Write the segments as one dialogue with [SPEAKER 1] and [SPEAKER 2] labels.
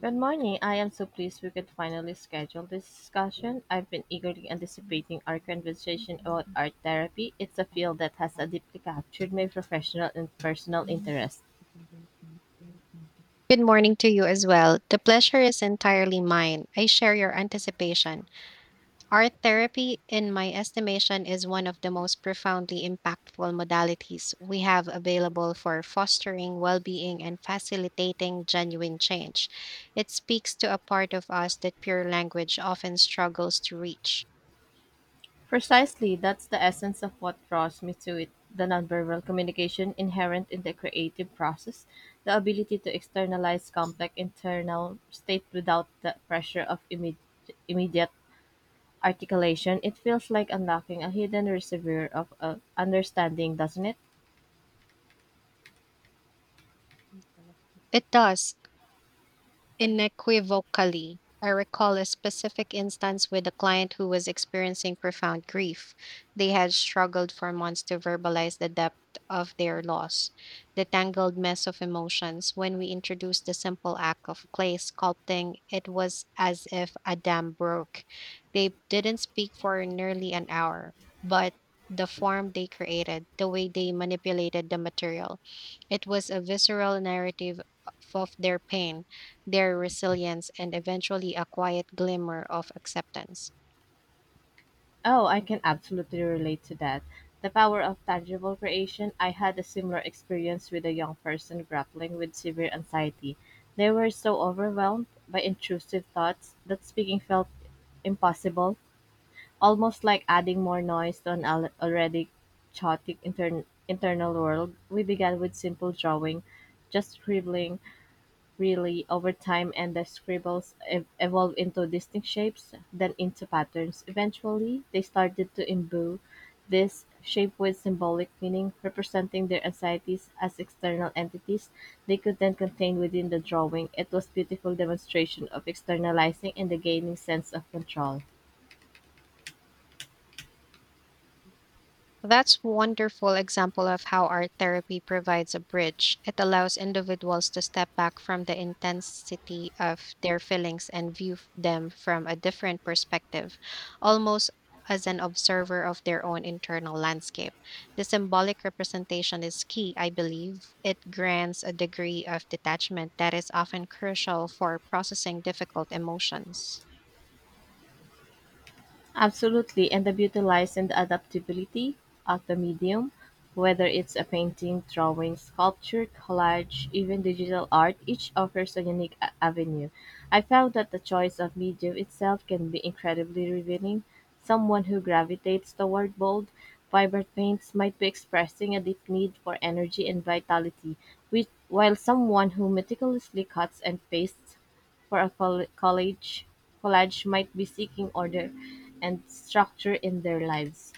[SPEAKER 1] Good morning. I am so pleased we could finally schedule this discussion. I've been eagerly anticipating our conversation about art therapy. It's a field that has deeply captured my professional and personal interest.
[SPEAKER 2] Good morning to you as well. The pleasure is entirely mine. I share your anticipation. Art therapy, in my estimation, is one of the most profoundly impactful modalities we have available for fostering well being and facilitating genuine change. It speaks to a part of us that pure language often struggles to reach.
[SPEAKER 1] Precisely, that's the essence of what draws me to it, the nonverbal communication inherent in the creative process, the ability to externalize complex internal state without the pressure of immediate articulation. It feels like unlocking a hidden reservoir of understanding, doesn't it?
[SPEAKER 2] It does. Inequivocally, I recall a specific instance with a client who was experiencing profound grief. They had struggled for months to verbalize the depth of their loss, the tangled mess of emotions. When we introduced the simple act of clay sculpting, it was as if a dam broke. They didn't speak for nearly an hour, but the form they created, the way they manipulated the material, it was a visceral narrative of their pain, their resilience, and eventually a quiet glimmer of acceptance.
[SPEAKER 1] Oh, I can absolutely relate to that. The power of tangible creation. I had a similar experience with a young person grappling with severe anxiety. They were so overwhelmed by intrusive thoughts that speaking felt impossible, almost like adding more noise to an already chaotic internal world. We began with simple drawing, just scribbling, really over time, and the scribbles evolved into distinct shapes, then into patterns. Eventually, they started to imbue this shape with symbolic meaning, representing their anxieties as external entities they could then contain within the drawing. It was beautiful demonstration of externalizing and the gaining sense of control.
[SPEAKER 2] That's wonderful example of how art therapy provides a bridge. It allows individuals to step back from the intensity of their feelings and view them from a different perspective, almost as an observer of their own internal landscape. The symbolic representation is key, I believe. It grants a degree of detachment that is often crucial for processing difficult emotions.
[SPEAKER 1] Absolutely, and the beauty lies in the adaptability of the medium, whether it's a painting, drawing, sculpture, collage, even digital art, each offers a unique avenue. I found that the choice of medium itself can be incredibly revealing. Someone who gravitates toward bold, vibrant paints might be expressing a deep need for energy and vitality, which, while someone who meticulously cuts and pastes for a college might be seeking order and structure in their lives.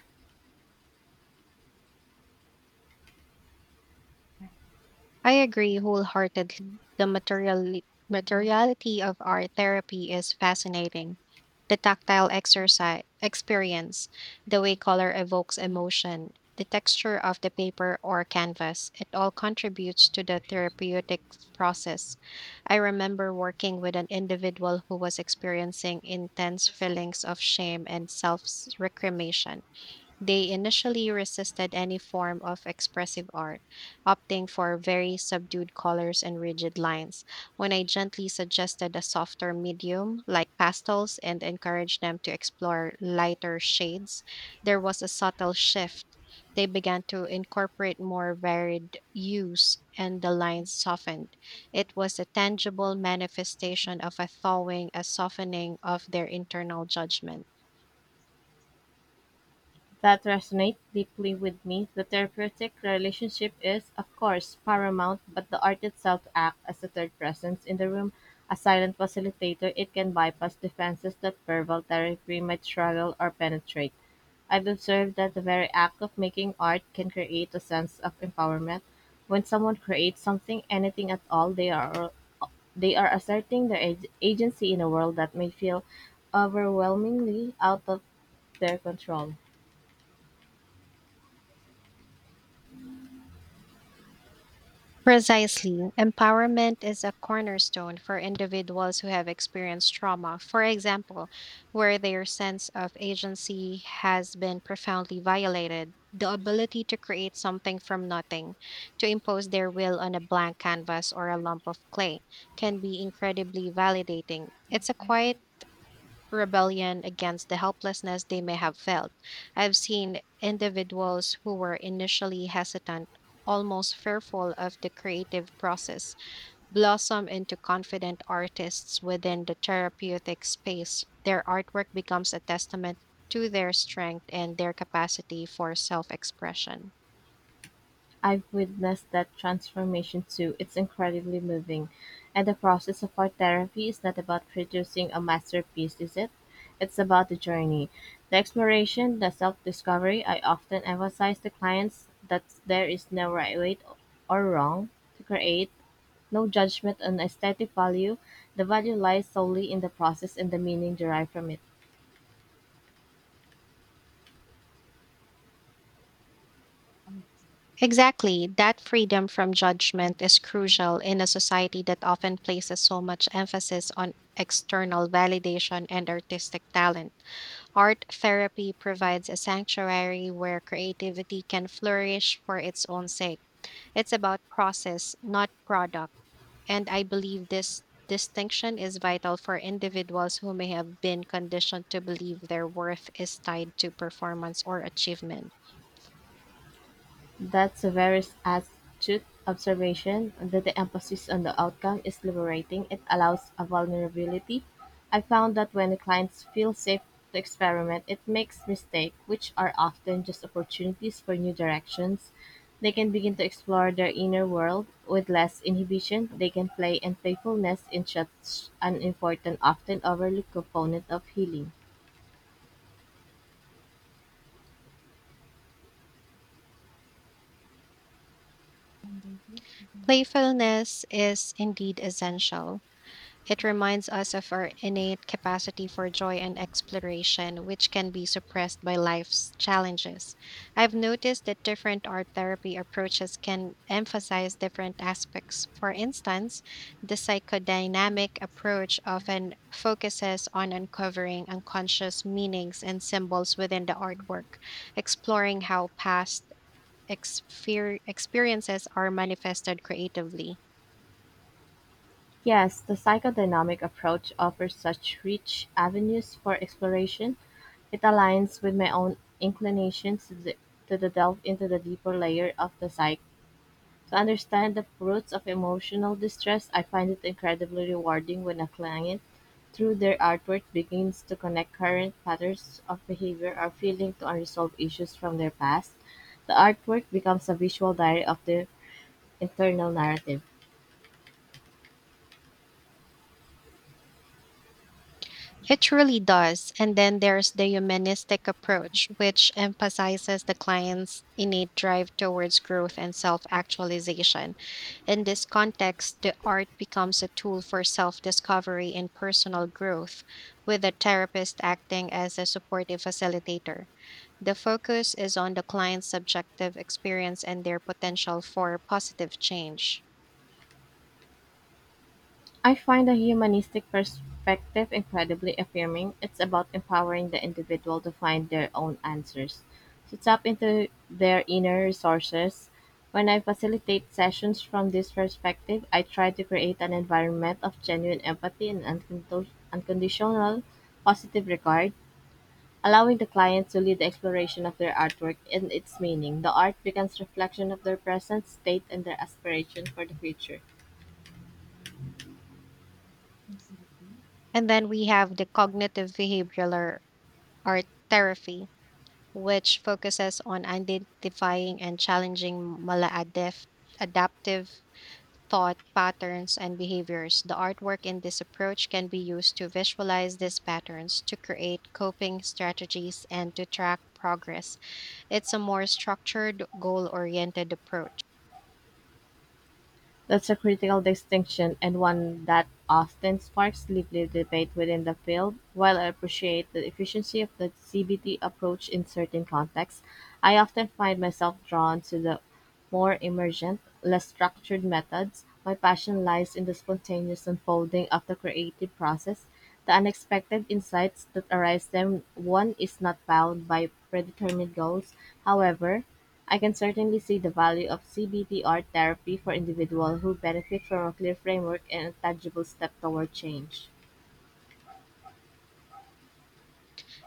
[SPEAKER 2] I agree wholeheartedly. The materiality of art therapy is fascinating. The tactile exercise experience, the way color evokes emotion, the texture of the paper or canvas, it all contributes to the therapeutic process. I remember working with an individual who was experiencing intense feelings of shame and self reclamation. They initially resisted any form of expressive art, opting for very subdued colors and rigid lines. When I gently suggested a softer medium, like pastels, and encouraged them to explore lighter shades, there was a subtle shift. They began to incorporate more varied hues, and the lines softened. It was a tangible manifestation of a thawing, a softening of their internal judgment.
[SPEAKER 1] That resonate deeply with me. The therapeutic relationship is of course paramount, but the art itself acts as a third presence in the room, a silent facilitator. It can bypass defenses that verbal therapy might struggle or penetrate. I've observed that the very act of making art can create a sense of empowerment. When someone creates something, anything at all, they are asserting their agency in a world that may feel overwhelmingly out of their control.
[SPEAKER 2] Precisely. Empowerment is a cornerstone for individuals who have experienced trauma, for example, where their sense of agency has been profoundly violated. The ability to create something from nothing, to impose their will on a blank canvas or a lump of clay, can be incredibly validating. It's a quiet rebellion against the helplessness they may have felt. I've seen individuals who were initially hesitant, almost fearful of the creative process, blossom into confident artists within the therapeutic space. Their artwork becomes a testament to their strength and their capacity for self expression.
[SPEAKER 1] I've witnessed that transformation too. It's incredibly moving. And the process of art therapy is not about producing a masterpiece, is it? It's about the journey, the exploration, the self discovery. I often emphasize to clients that there is no right way or wrong to create. No judgment on aesthetic value; the value lies solely in the process and the meaning derived from it.
[SPEAKER 2] Exactly. That freedom from judgment is crucial in a society that often places so much emphasis on external validation and artistic talent. Art therapy provides a sanctuary where creativity can flourish for its own sake. It's about process, not product. And I believe this distinction is vital for individuals who may have been conditioned to believe their worth is tied to performance or achievement.
[SPEAKER 1] That's a very astute observation, that the emphasis on the outcome is liberating. It allows a vulnerability. I found that when the clients feel safe to experiment, it makes mistakes, which are often just opportunities for new directions. They can begin to explore their inner world with less inhibition. They can play, and playfulness is such an important, often overlooked component of healing.
[SPEAKER 2] Playfulness is indeed essential. It reminds us of our innate capacity for joy and exploration, which can be suppressed by life's challenges. I've noticed that different art therapy approaches can emphasize different aspects. For instance, the psychodynamic approach often focuses on uncovering unconscious meanings and symbols within the artwork, exploring how past experiences are manifested creatively.
[SPEAKER 1] Yes, the psychodynamic approach offers such rich avenues for exploration. It aligns with my own inclinations to the delve into the deeper layer of the psyche. To understand the roots of emotional distress, I find it incredibly rewarding when a client, through their artwork, begins to connect current patterns of behavior or feeling to unresolved issues from their past. The artwork becomes a visual diary of their internal narrative.
[SPEAKER 2] It truly does. And then there's the humanistic approach, which emphasizes the client's innate drive towards growth and self actualization. In this context, the art becomes a tool for self discovery and personal growth, with the therapist acting as a supportive facilitator. The focus is on the client's subjective experience and their potential for positive change.
[SPEAKER 1] I find a humanistic perspective incredibly affirming. It's about empowering the individual to find their own answers, to tap into their inner resources. When I facilitate sessions from this perspective, I try to create an environment of genuine empathy and unconditional positive regard, allowing the client to lead the exploration of their artwork and its meaning. The art becomes reflection of their present state and their aspiration for the future.
[SPEAKER 2] And then we have the cognitive behavioral art therapy which focuses on identifying and challenging maladaptive adaptive thought patterns and behaviors. The artwork in this approach can be used to visualize these patterns, to create coping strategies, and to track progress. It's a more structured, goal oriented approach.
[SPEAKER 1] That's a critical distinction, and one that often sparks lively debate within the field. While I appreciate the efficiency of the CBT approach in certain contexts, I often find myself drawn to the more emergent, less structured methods. My passion lies in the spontaneous unfolding of the creative process, the unexpected insights that arise when one is not bound by predetermined goals. However, I can certainly see the value of CBT art therapy for individuals who benefit from a clear framework and a tangible step toward change.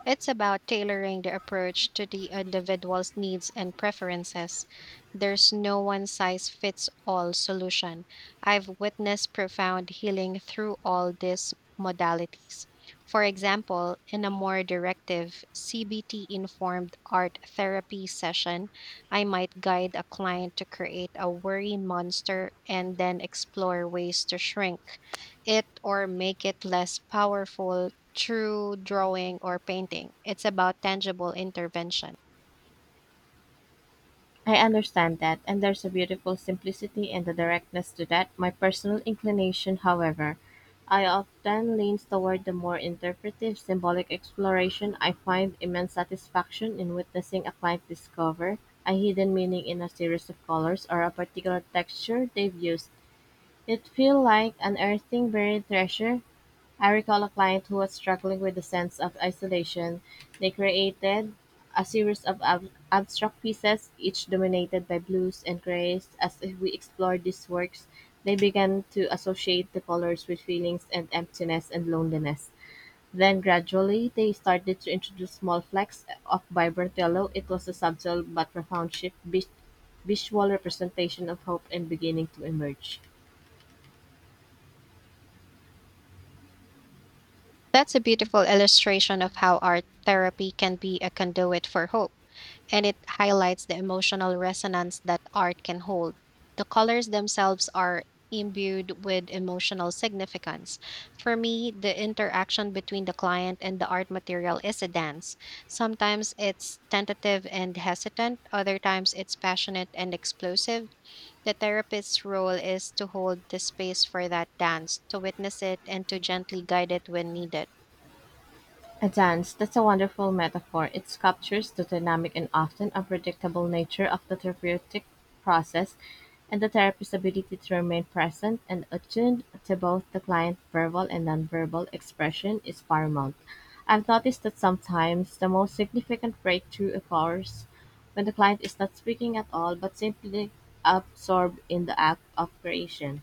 [SPEAKER 2] It's about tailoring the approach to the individual's needs and preferences. There's no one size fits all solution. I've witnessed profound healing through all these modalities. For example, in a more directive CBT informed art therapy session, I might guide a client to create a worry monster and then explore ways to shrink it or make it less powerful through drawing or painting. It's about tangible intervention.
[SPEAKER 1] I understand that, and there's a beautiful simplicity and a directness to that. My personal inclination, however, I often leans toward the more interpretive, symbolic exploration. I find immense satisfaction in witnessing a client discover a hidden meaning in a series of colors or a particular texture they've used. It feels like unearthing buried treasure. I recall a client who was struggling with a sense of isolation. They created a series of abstract pieces, each dominated by blues and grays. As we explored these works, they began to associate the colors with feelings and emptiness and loneliness. Then gradually, they started to introduce small flecks of vibrant yellow. It was a subtle but profound shift, visual representation of hope and beginning to emerge.
[SPEAKER 2] That's a beautiful illustration of how art therapy can be a conduit for hope, and it highlights the emotional resonance that art can hold. The colors themselves are imbued with emotional significance. For me, the interaction between the client and the art material is a dance. Sometimes it's tentative and hesitant, other times it's passionate and explosive. The therapist's role is to hold the space for that dance, to witness it, and to gently guide it when needed.
[SPEAKER 1] A dance, that's a wonderful metaphor. It captures the dynamic and often unpredictable nature of the therapeutic process, and the therapist's ability to remain present and attuned to both the client's verbal and nonverbal expression is paramount. I've noticed that sometimes the most significant breakthrough occurs when the client is not speaking at all but simply absorbed in the act of creation.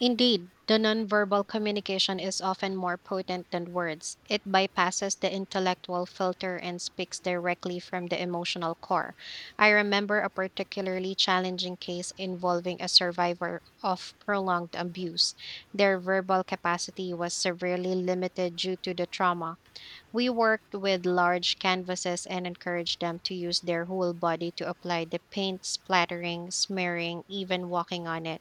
[SPEAKER 2] Indeed, the nonverbal communication is often more potent than words. It bypasses the intellectual filter and speaks directly from the emotional core. I remember a particularly challenging case involving a survivor of prolonged abuse. Their verbal capacity was severely limited due to the trauma. We worked with large canvases and encouraged them to use their whole body to apply the paint, splattering, smearing, even walking on it.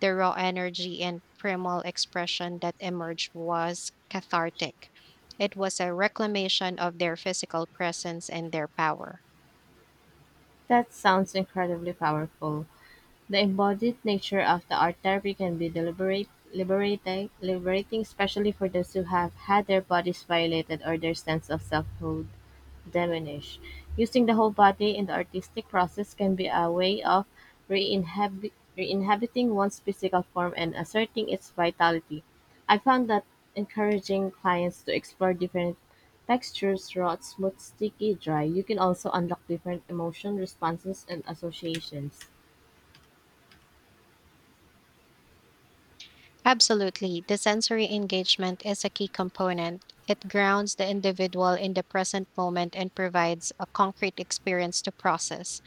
[SPEAKER 2] The raw energy and primal expression that emerged was cathartic. It was a reclamation of their physical presence and their power.
[SPEAKER 1] That sounds incredibly powerful. The embodied nature of the art therapy can be deliberate, liberating, especially for those who have had their bodies violated or their sense of selfhood diminished. Using the whole body in the artistic process can be a way of re-inhabiting one's physical form and asserting its vitality. I found that encouraging clients to explore different textures, raw, smooth, sticky, dry, you can also unlock different emotion responses and associations.
[SPEAKER 2] Absolutely, the sensory engagement is a key component. It grounds the individual in the present moment and provides a concrete experience to process.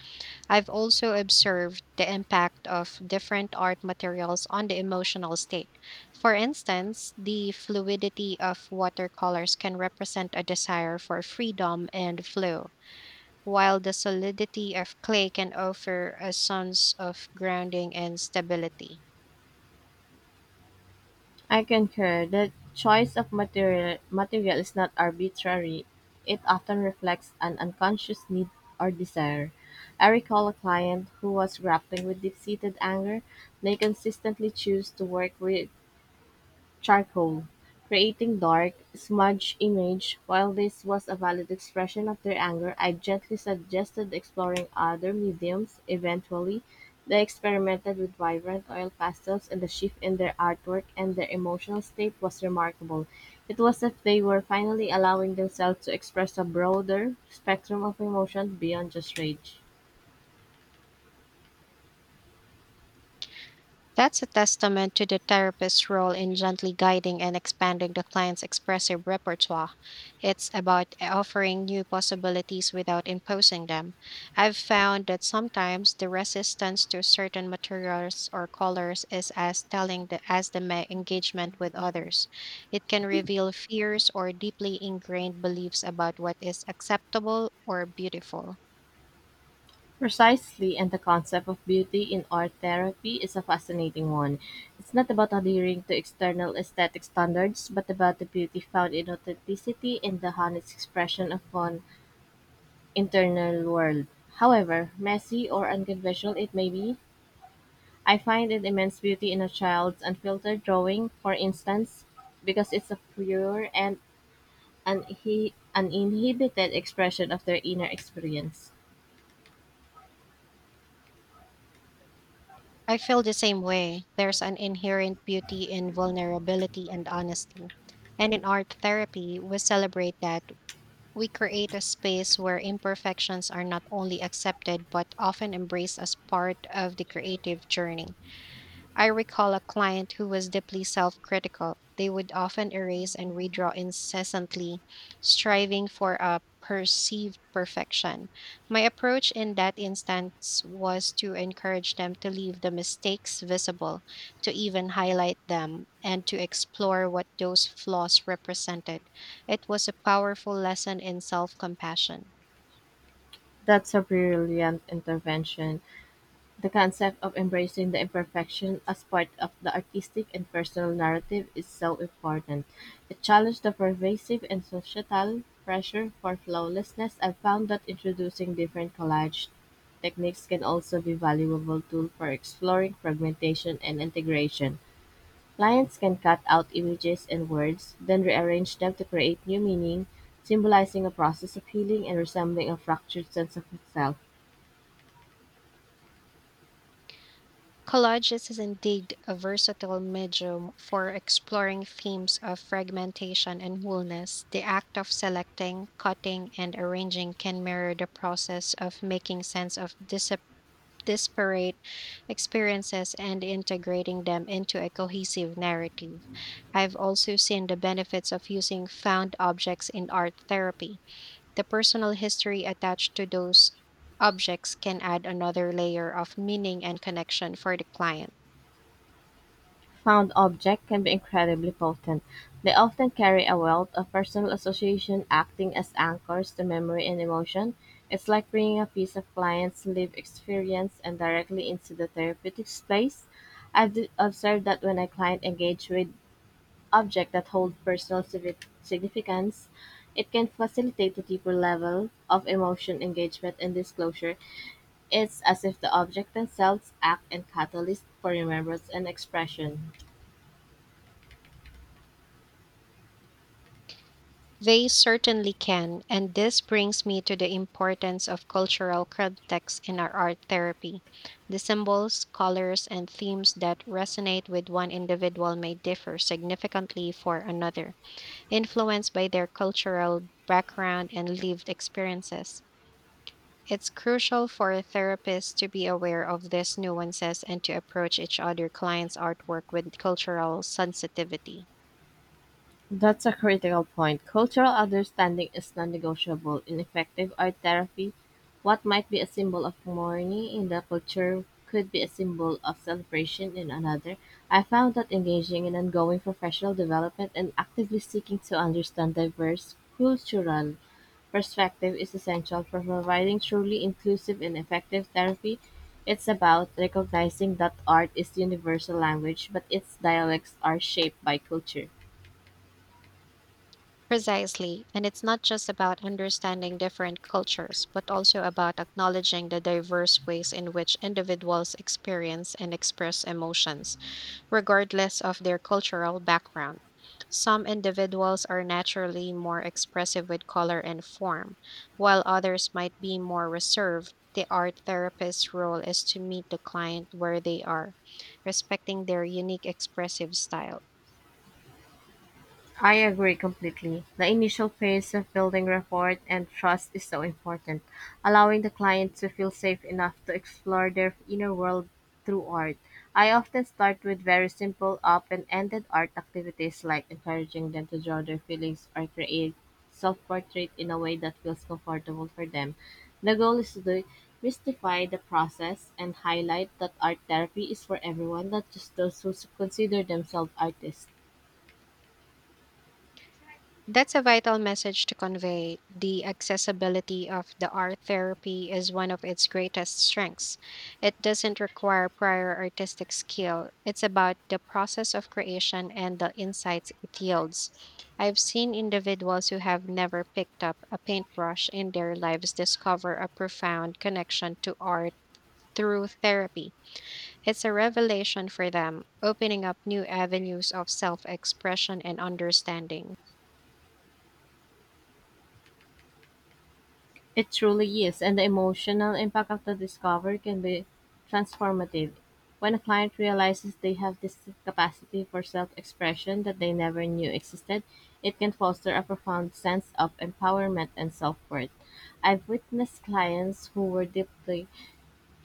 [SPEAKER 2] I've also observed the impact of different art materials on the emotional state. For instance, the fluidity of watercolors can represent a desire for freedom and flow, while the solidity of clay can offer a sense of grounding and stability.
[SPEAKER 1] I concur. The choice of material is not arbitrary. It often reflects an unconscious need or desire. I recall a client who was grappling with deep-seated anger. They consistently choose to work with charcoal, creating dark, smudged image. While this was a valid expression of their anger, I gently suggested exploring other mediums. Eventually, they experimented with vibrant oil pastels, and the shift in their artwork and their emotional state was remarkable. It was as if they were finally allowing themselves to express a broader spectrum of emotion beyond just rage.
[SPEAKER 2] That's a testament to the therapist's role in gently guiding and expanding the client's expressive repertoire. It's about offering new possibilities without imposing them. I've found that sometimes the resistance to certain materials or colors is as telling the, as the engagement with others. It can reveal fears or deeply ingrained beliefs about what is acceptable or beautiful.
[SPEAKER 1] Precisely, and the concept of beauty in art therapy is a fascinating one. It's not about adhering to external aesthetic standards, but about the beauty found in authenticity and the honest expression of one internal world. However messy or unconventional it may be, I find an immense beauty in a child's unfiltered drawing, for instance, because it's a pure and uninhibited expression of their inner experience.
[SPEAKER 2] I feel the same way. There's an inherent beauty in vulnerability and honesty. And in art therapy, we celebrate that we create a space where imperfections are not only accepted but often embraced as part of the creative journey. I recall a client who was deeply self critical. They would often erase and redraw incessantly, striving for a perceived perfection. My approach in that instance was to encourage them to leave the mistakes visible, to even highlight them, and to explore what those flaws represented. It was a powerful lesson in self compassion.
[SPEAKER 1] That's a brilliant intervention. The concept of embracing the imperfection as part of the artistic and personal narrative is so important. It challenged the pervasive and societal pressure for flawlessness. I found that introducing different collage techniques can also be valuable tool for exploring fragmentation and integration. Clients can cut out images and words, then rearrange them to create new meaning, symbolizing a process of healing and resembling a fractured sense of itself.
[SPEAKER 2] Collages is indeed a versatile medium for exploring themes of fragmentation and wholeness. The act of selecting, cutting, and arranging can mirror the process of making sense of disparate experiences and integrating them into a cohesive narrative. I've also seen the benefits of using found objects in art therapy. The personal history attached to those objects can add another layer of meaning and connection for the client.
[SPEAKER 1] Found objects can be incredibly potent. They often carry a wealth of personal association, acting as anchors to memory and emotion. It's like bringing a piece of client's lived experience and directly into the therapeutic space. I've observed that when a client engages with objects that hold personal significance, it can facilitate a deeper level of emotion engagement and disclosure. It's as if the objects themselves act as catalyst for remembrance and expression.
[SPEAKER 2] They certainly can, and this brings me to the importance of cultural context in our art therapy. The symbols, colors, and themes that resonate with one individual may differ significantly for another, influenced by their cultural background and lived experiences. It's crucial for therapists to be aware of these nuances and to approach each other clients' artwork with cultural sensitivity.
[SPEAKER 1] That's a critical point. Cultural understanding is non-negotiable. In effective art therapy, what might be a symbol of mourning in the culture could be a symbol of celebration in another. I found that engaging in ongoing professional development and actively seeking to understand diverse cultural perspective is essential for providing truly inclusive and effective therapy. It's about recognizing that art is universal language, but its dialects are shaped by culture.
[SPEAKER 2] Precisely, and it's not just about understanding different cultures, but also about acknowledging the diverse ways in which individuals experience and express emotions, regardless of their cultural background. Some individuals are naturally more expressive with color and form, while others might be more reserved. The art therapist's role is to meet the client where they are, respecting their unique expressive style.
[SPEAKER 1] I agree completely. The initial phase of building rapport and trust is so important, allowing the client to feel safe enough to explore their inner world through art. I often start with very simple, open ended art activities like encouraging them to draw their feelings or create self portrait in a way that feels comfortable for them. The goal is to demystify the process and highlight that art therapy is for everyone, not just those who consider themselves artists.
[SPEAKER 2] That's a vital message to convey. The accessibility of the art therapy is one of its greatest strengths. It doesn't require prior artistic skill, it's about the process of creation and the insights it yields. I've seen individuals who have never picked up a paintbrush in their lives discover a profound connection to art through therapy. It's a revelation for them, opening up new avenues of self expression and understanding.
[SPEAKER 1] It truly is, and the emotional impact of the discovery can be transformative. When a client realizes they have this capacity for self expression that they never knew existed, it can foster a profound sense of empowerment and self worth. I've witnessed clients who were deeply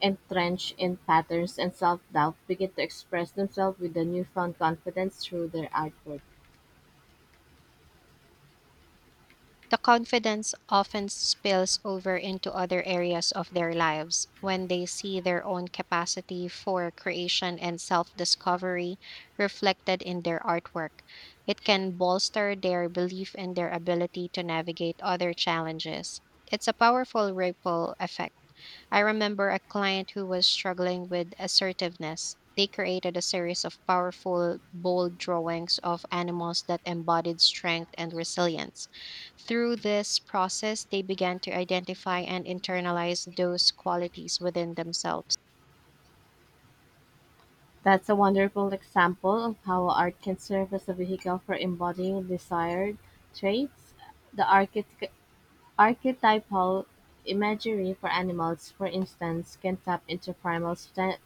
[SPEAKER 1] entrenched in patterns and self doubt begin to express themselves with a newfound confidence through their artwork.
[SPEAKER 2] The confidence often spills over into other areas of their lives. When they see their own capacity for creation and self discovery reflected in their artwork, it can bolster their belief in their ability to navigate other challenges. It's a powerful ripple effect. I remember a client who was struggling with assertiveness. They created a series of powerful, bold drawings of animals that embodied strength and resilience. Through this process, they began to identify and internalize those qualities within themselves.
[SPEAKER 1] That's a wonderful example of how art can serve as a vehicle for embodying desired traits. The archetypal imagery for animals, for instance, can tap into primal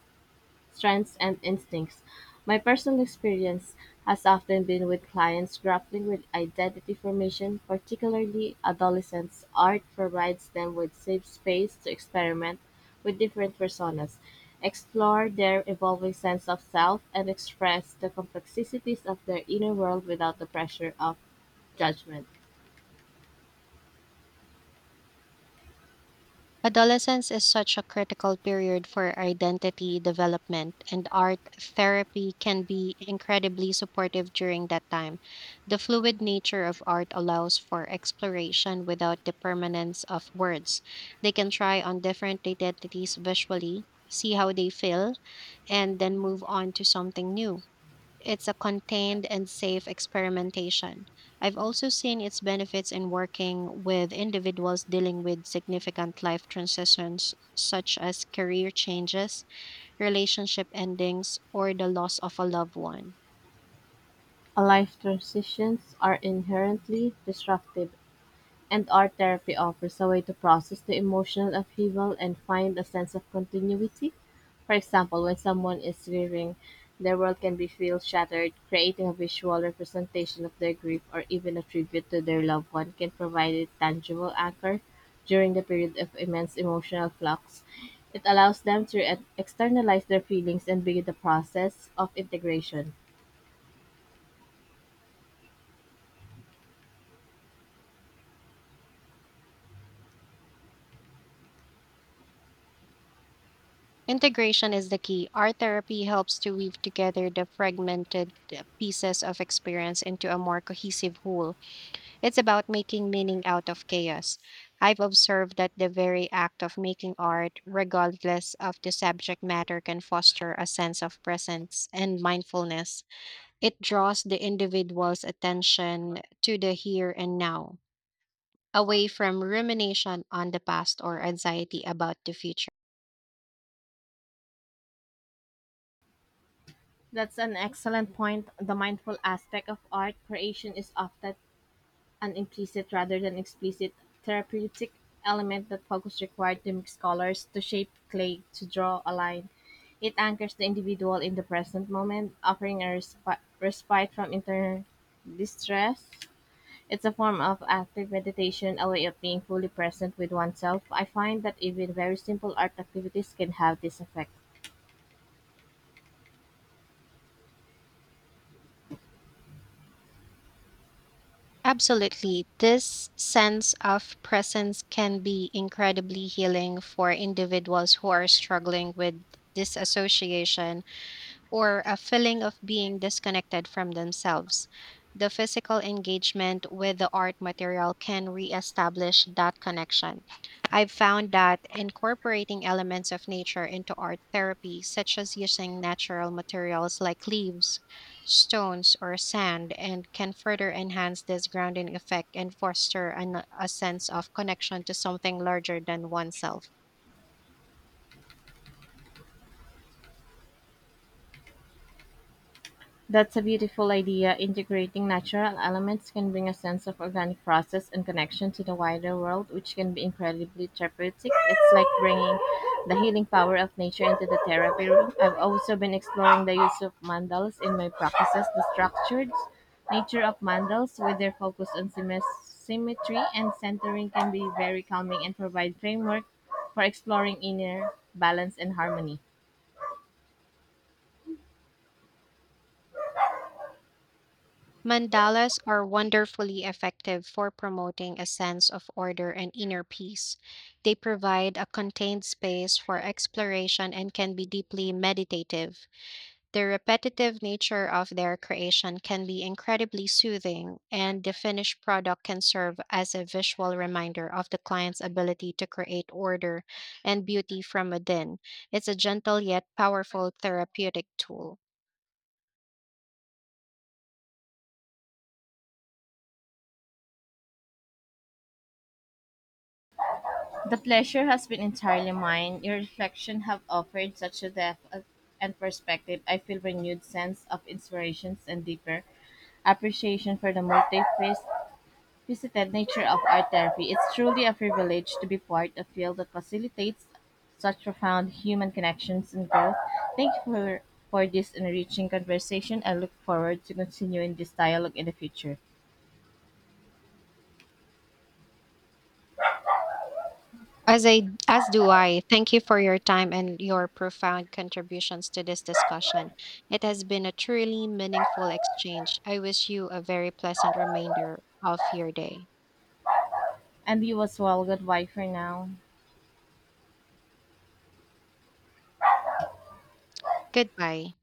[SPEAKER 1] strengths and instincts. My personal experience has often been with clients grappling with identity formation, particularly adolescents. Art provides them with safe space to experiment with different personas, explore their evolving sense of self, and express the complexities of their inner world without the pressure of judgment.
[SPEAKER 2] Adolescence is such a critical period for identity development, and art therapy can be incredibly supportive during that time. The fluid nature of art allows for exploration without the permanence of words. They can try on different identities visually, see how they feel, and then move on to something new. It's a contained and safe experimentation. I've also seen its benefits in working with individuals dealing with significant life transitions, such as career changes, relationship endings, or the loss of a loved one.
[SPEAKER 1] Life transitions are inherently disruptive, and art therapy offers a way to process the emotional upheaval and find a sense of continuity. For example, when someone is grieving, their world can be feel shattered. Creating a visual representation of their grief or even a tribute to their loved one can provide a tangible anchor during the period of immense emotional flux. It allows them to externalize their feelings and begin the process of integration.
[SPEAKER 2] Integration is the key. Art therapy helps to weave together the fragmented pieces of experience into a more cohesive whole. It's about making meaning out of chaos. I've observed that the very act of making art, regardless of the subject matter, can foster a sense of presence and mindfulness. It draws the individual's attention to the here and now, away from rumination on the past or anxiety about the future.
[SPEAKER 1] That's an excellent point. The mindful aspect of art creation is often an implicit rather than explicit therapeutic element that focus required to make scholars to shape clay to draw a line. It anchors the individual in the present moment, offering a respite from inner distress. It's a form of active meditation, a way of being fully present with oneself. I find that even very simple art activities can have this effect.
[SPEAKER 2] Absolutely. This sense of presence can be incredibly healing for individuals who are struggling with disassociation or a feeling of being disconnected from themselves. The physical engagement with the art material can reestablish that connection. I've found that incorporating elements of nature into art therapy, such as using natural materials like leaves, stones, or sand, and can further enhance this grounding effect and foster a sense of connection to something larger than oneself.
[SPEAKER 1] That's a beautiful idea. Integrating natural elements can bring a sense of organic process and connection to the wider world, which can be incredibly therapeutic. It's like bringing the healing power of nature into the therapy room. I've also been exploring the use of mandalas in my practices, the structured nature of mandalas with their focus on symmetry and centering can be very calming and provide framework for exploring inner balance and harmony.
[SPEAKER 2] Mandalas are wonderfully effective for promoting a sense of order and inner peace. They provide a contained space for exploration and can be deeply meditative. The repetitive nature of their creation can be incredibly soothing, and the finished product can serve as a visual reminder of the client's ability to create order and beauty from within. It's a gentle yet powerful therapeutic tool.
[SPEAKER 1] The pleasure has been entirely mine. Your reflection have offered such a depth of and perspective. I feel renewed sense of inspirations and deeper appreciation for the multifaceted nature of art therapy. It's truly a privilege to be part of field that facilitates such profound human connections and growth. Thank you for this enriching conversation. I look forward to continuing this dialogue in the future.
[SPEAKER 2] As do I. Thank you for your time and your profound contributions to this discussion. It has been a truly meaningful exchange. I wish you a very pleasant remainder of your day.
[SPEAKER 1] And you as well. Goodbye for now.
[SPEAKER 2] Goodbye.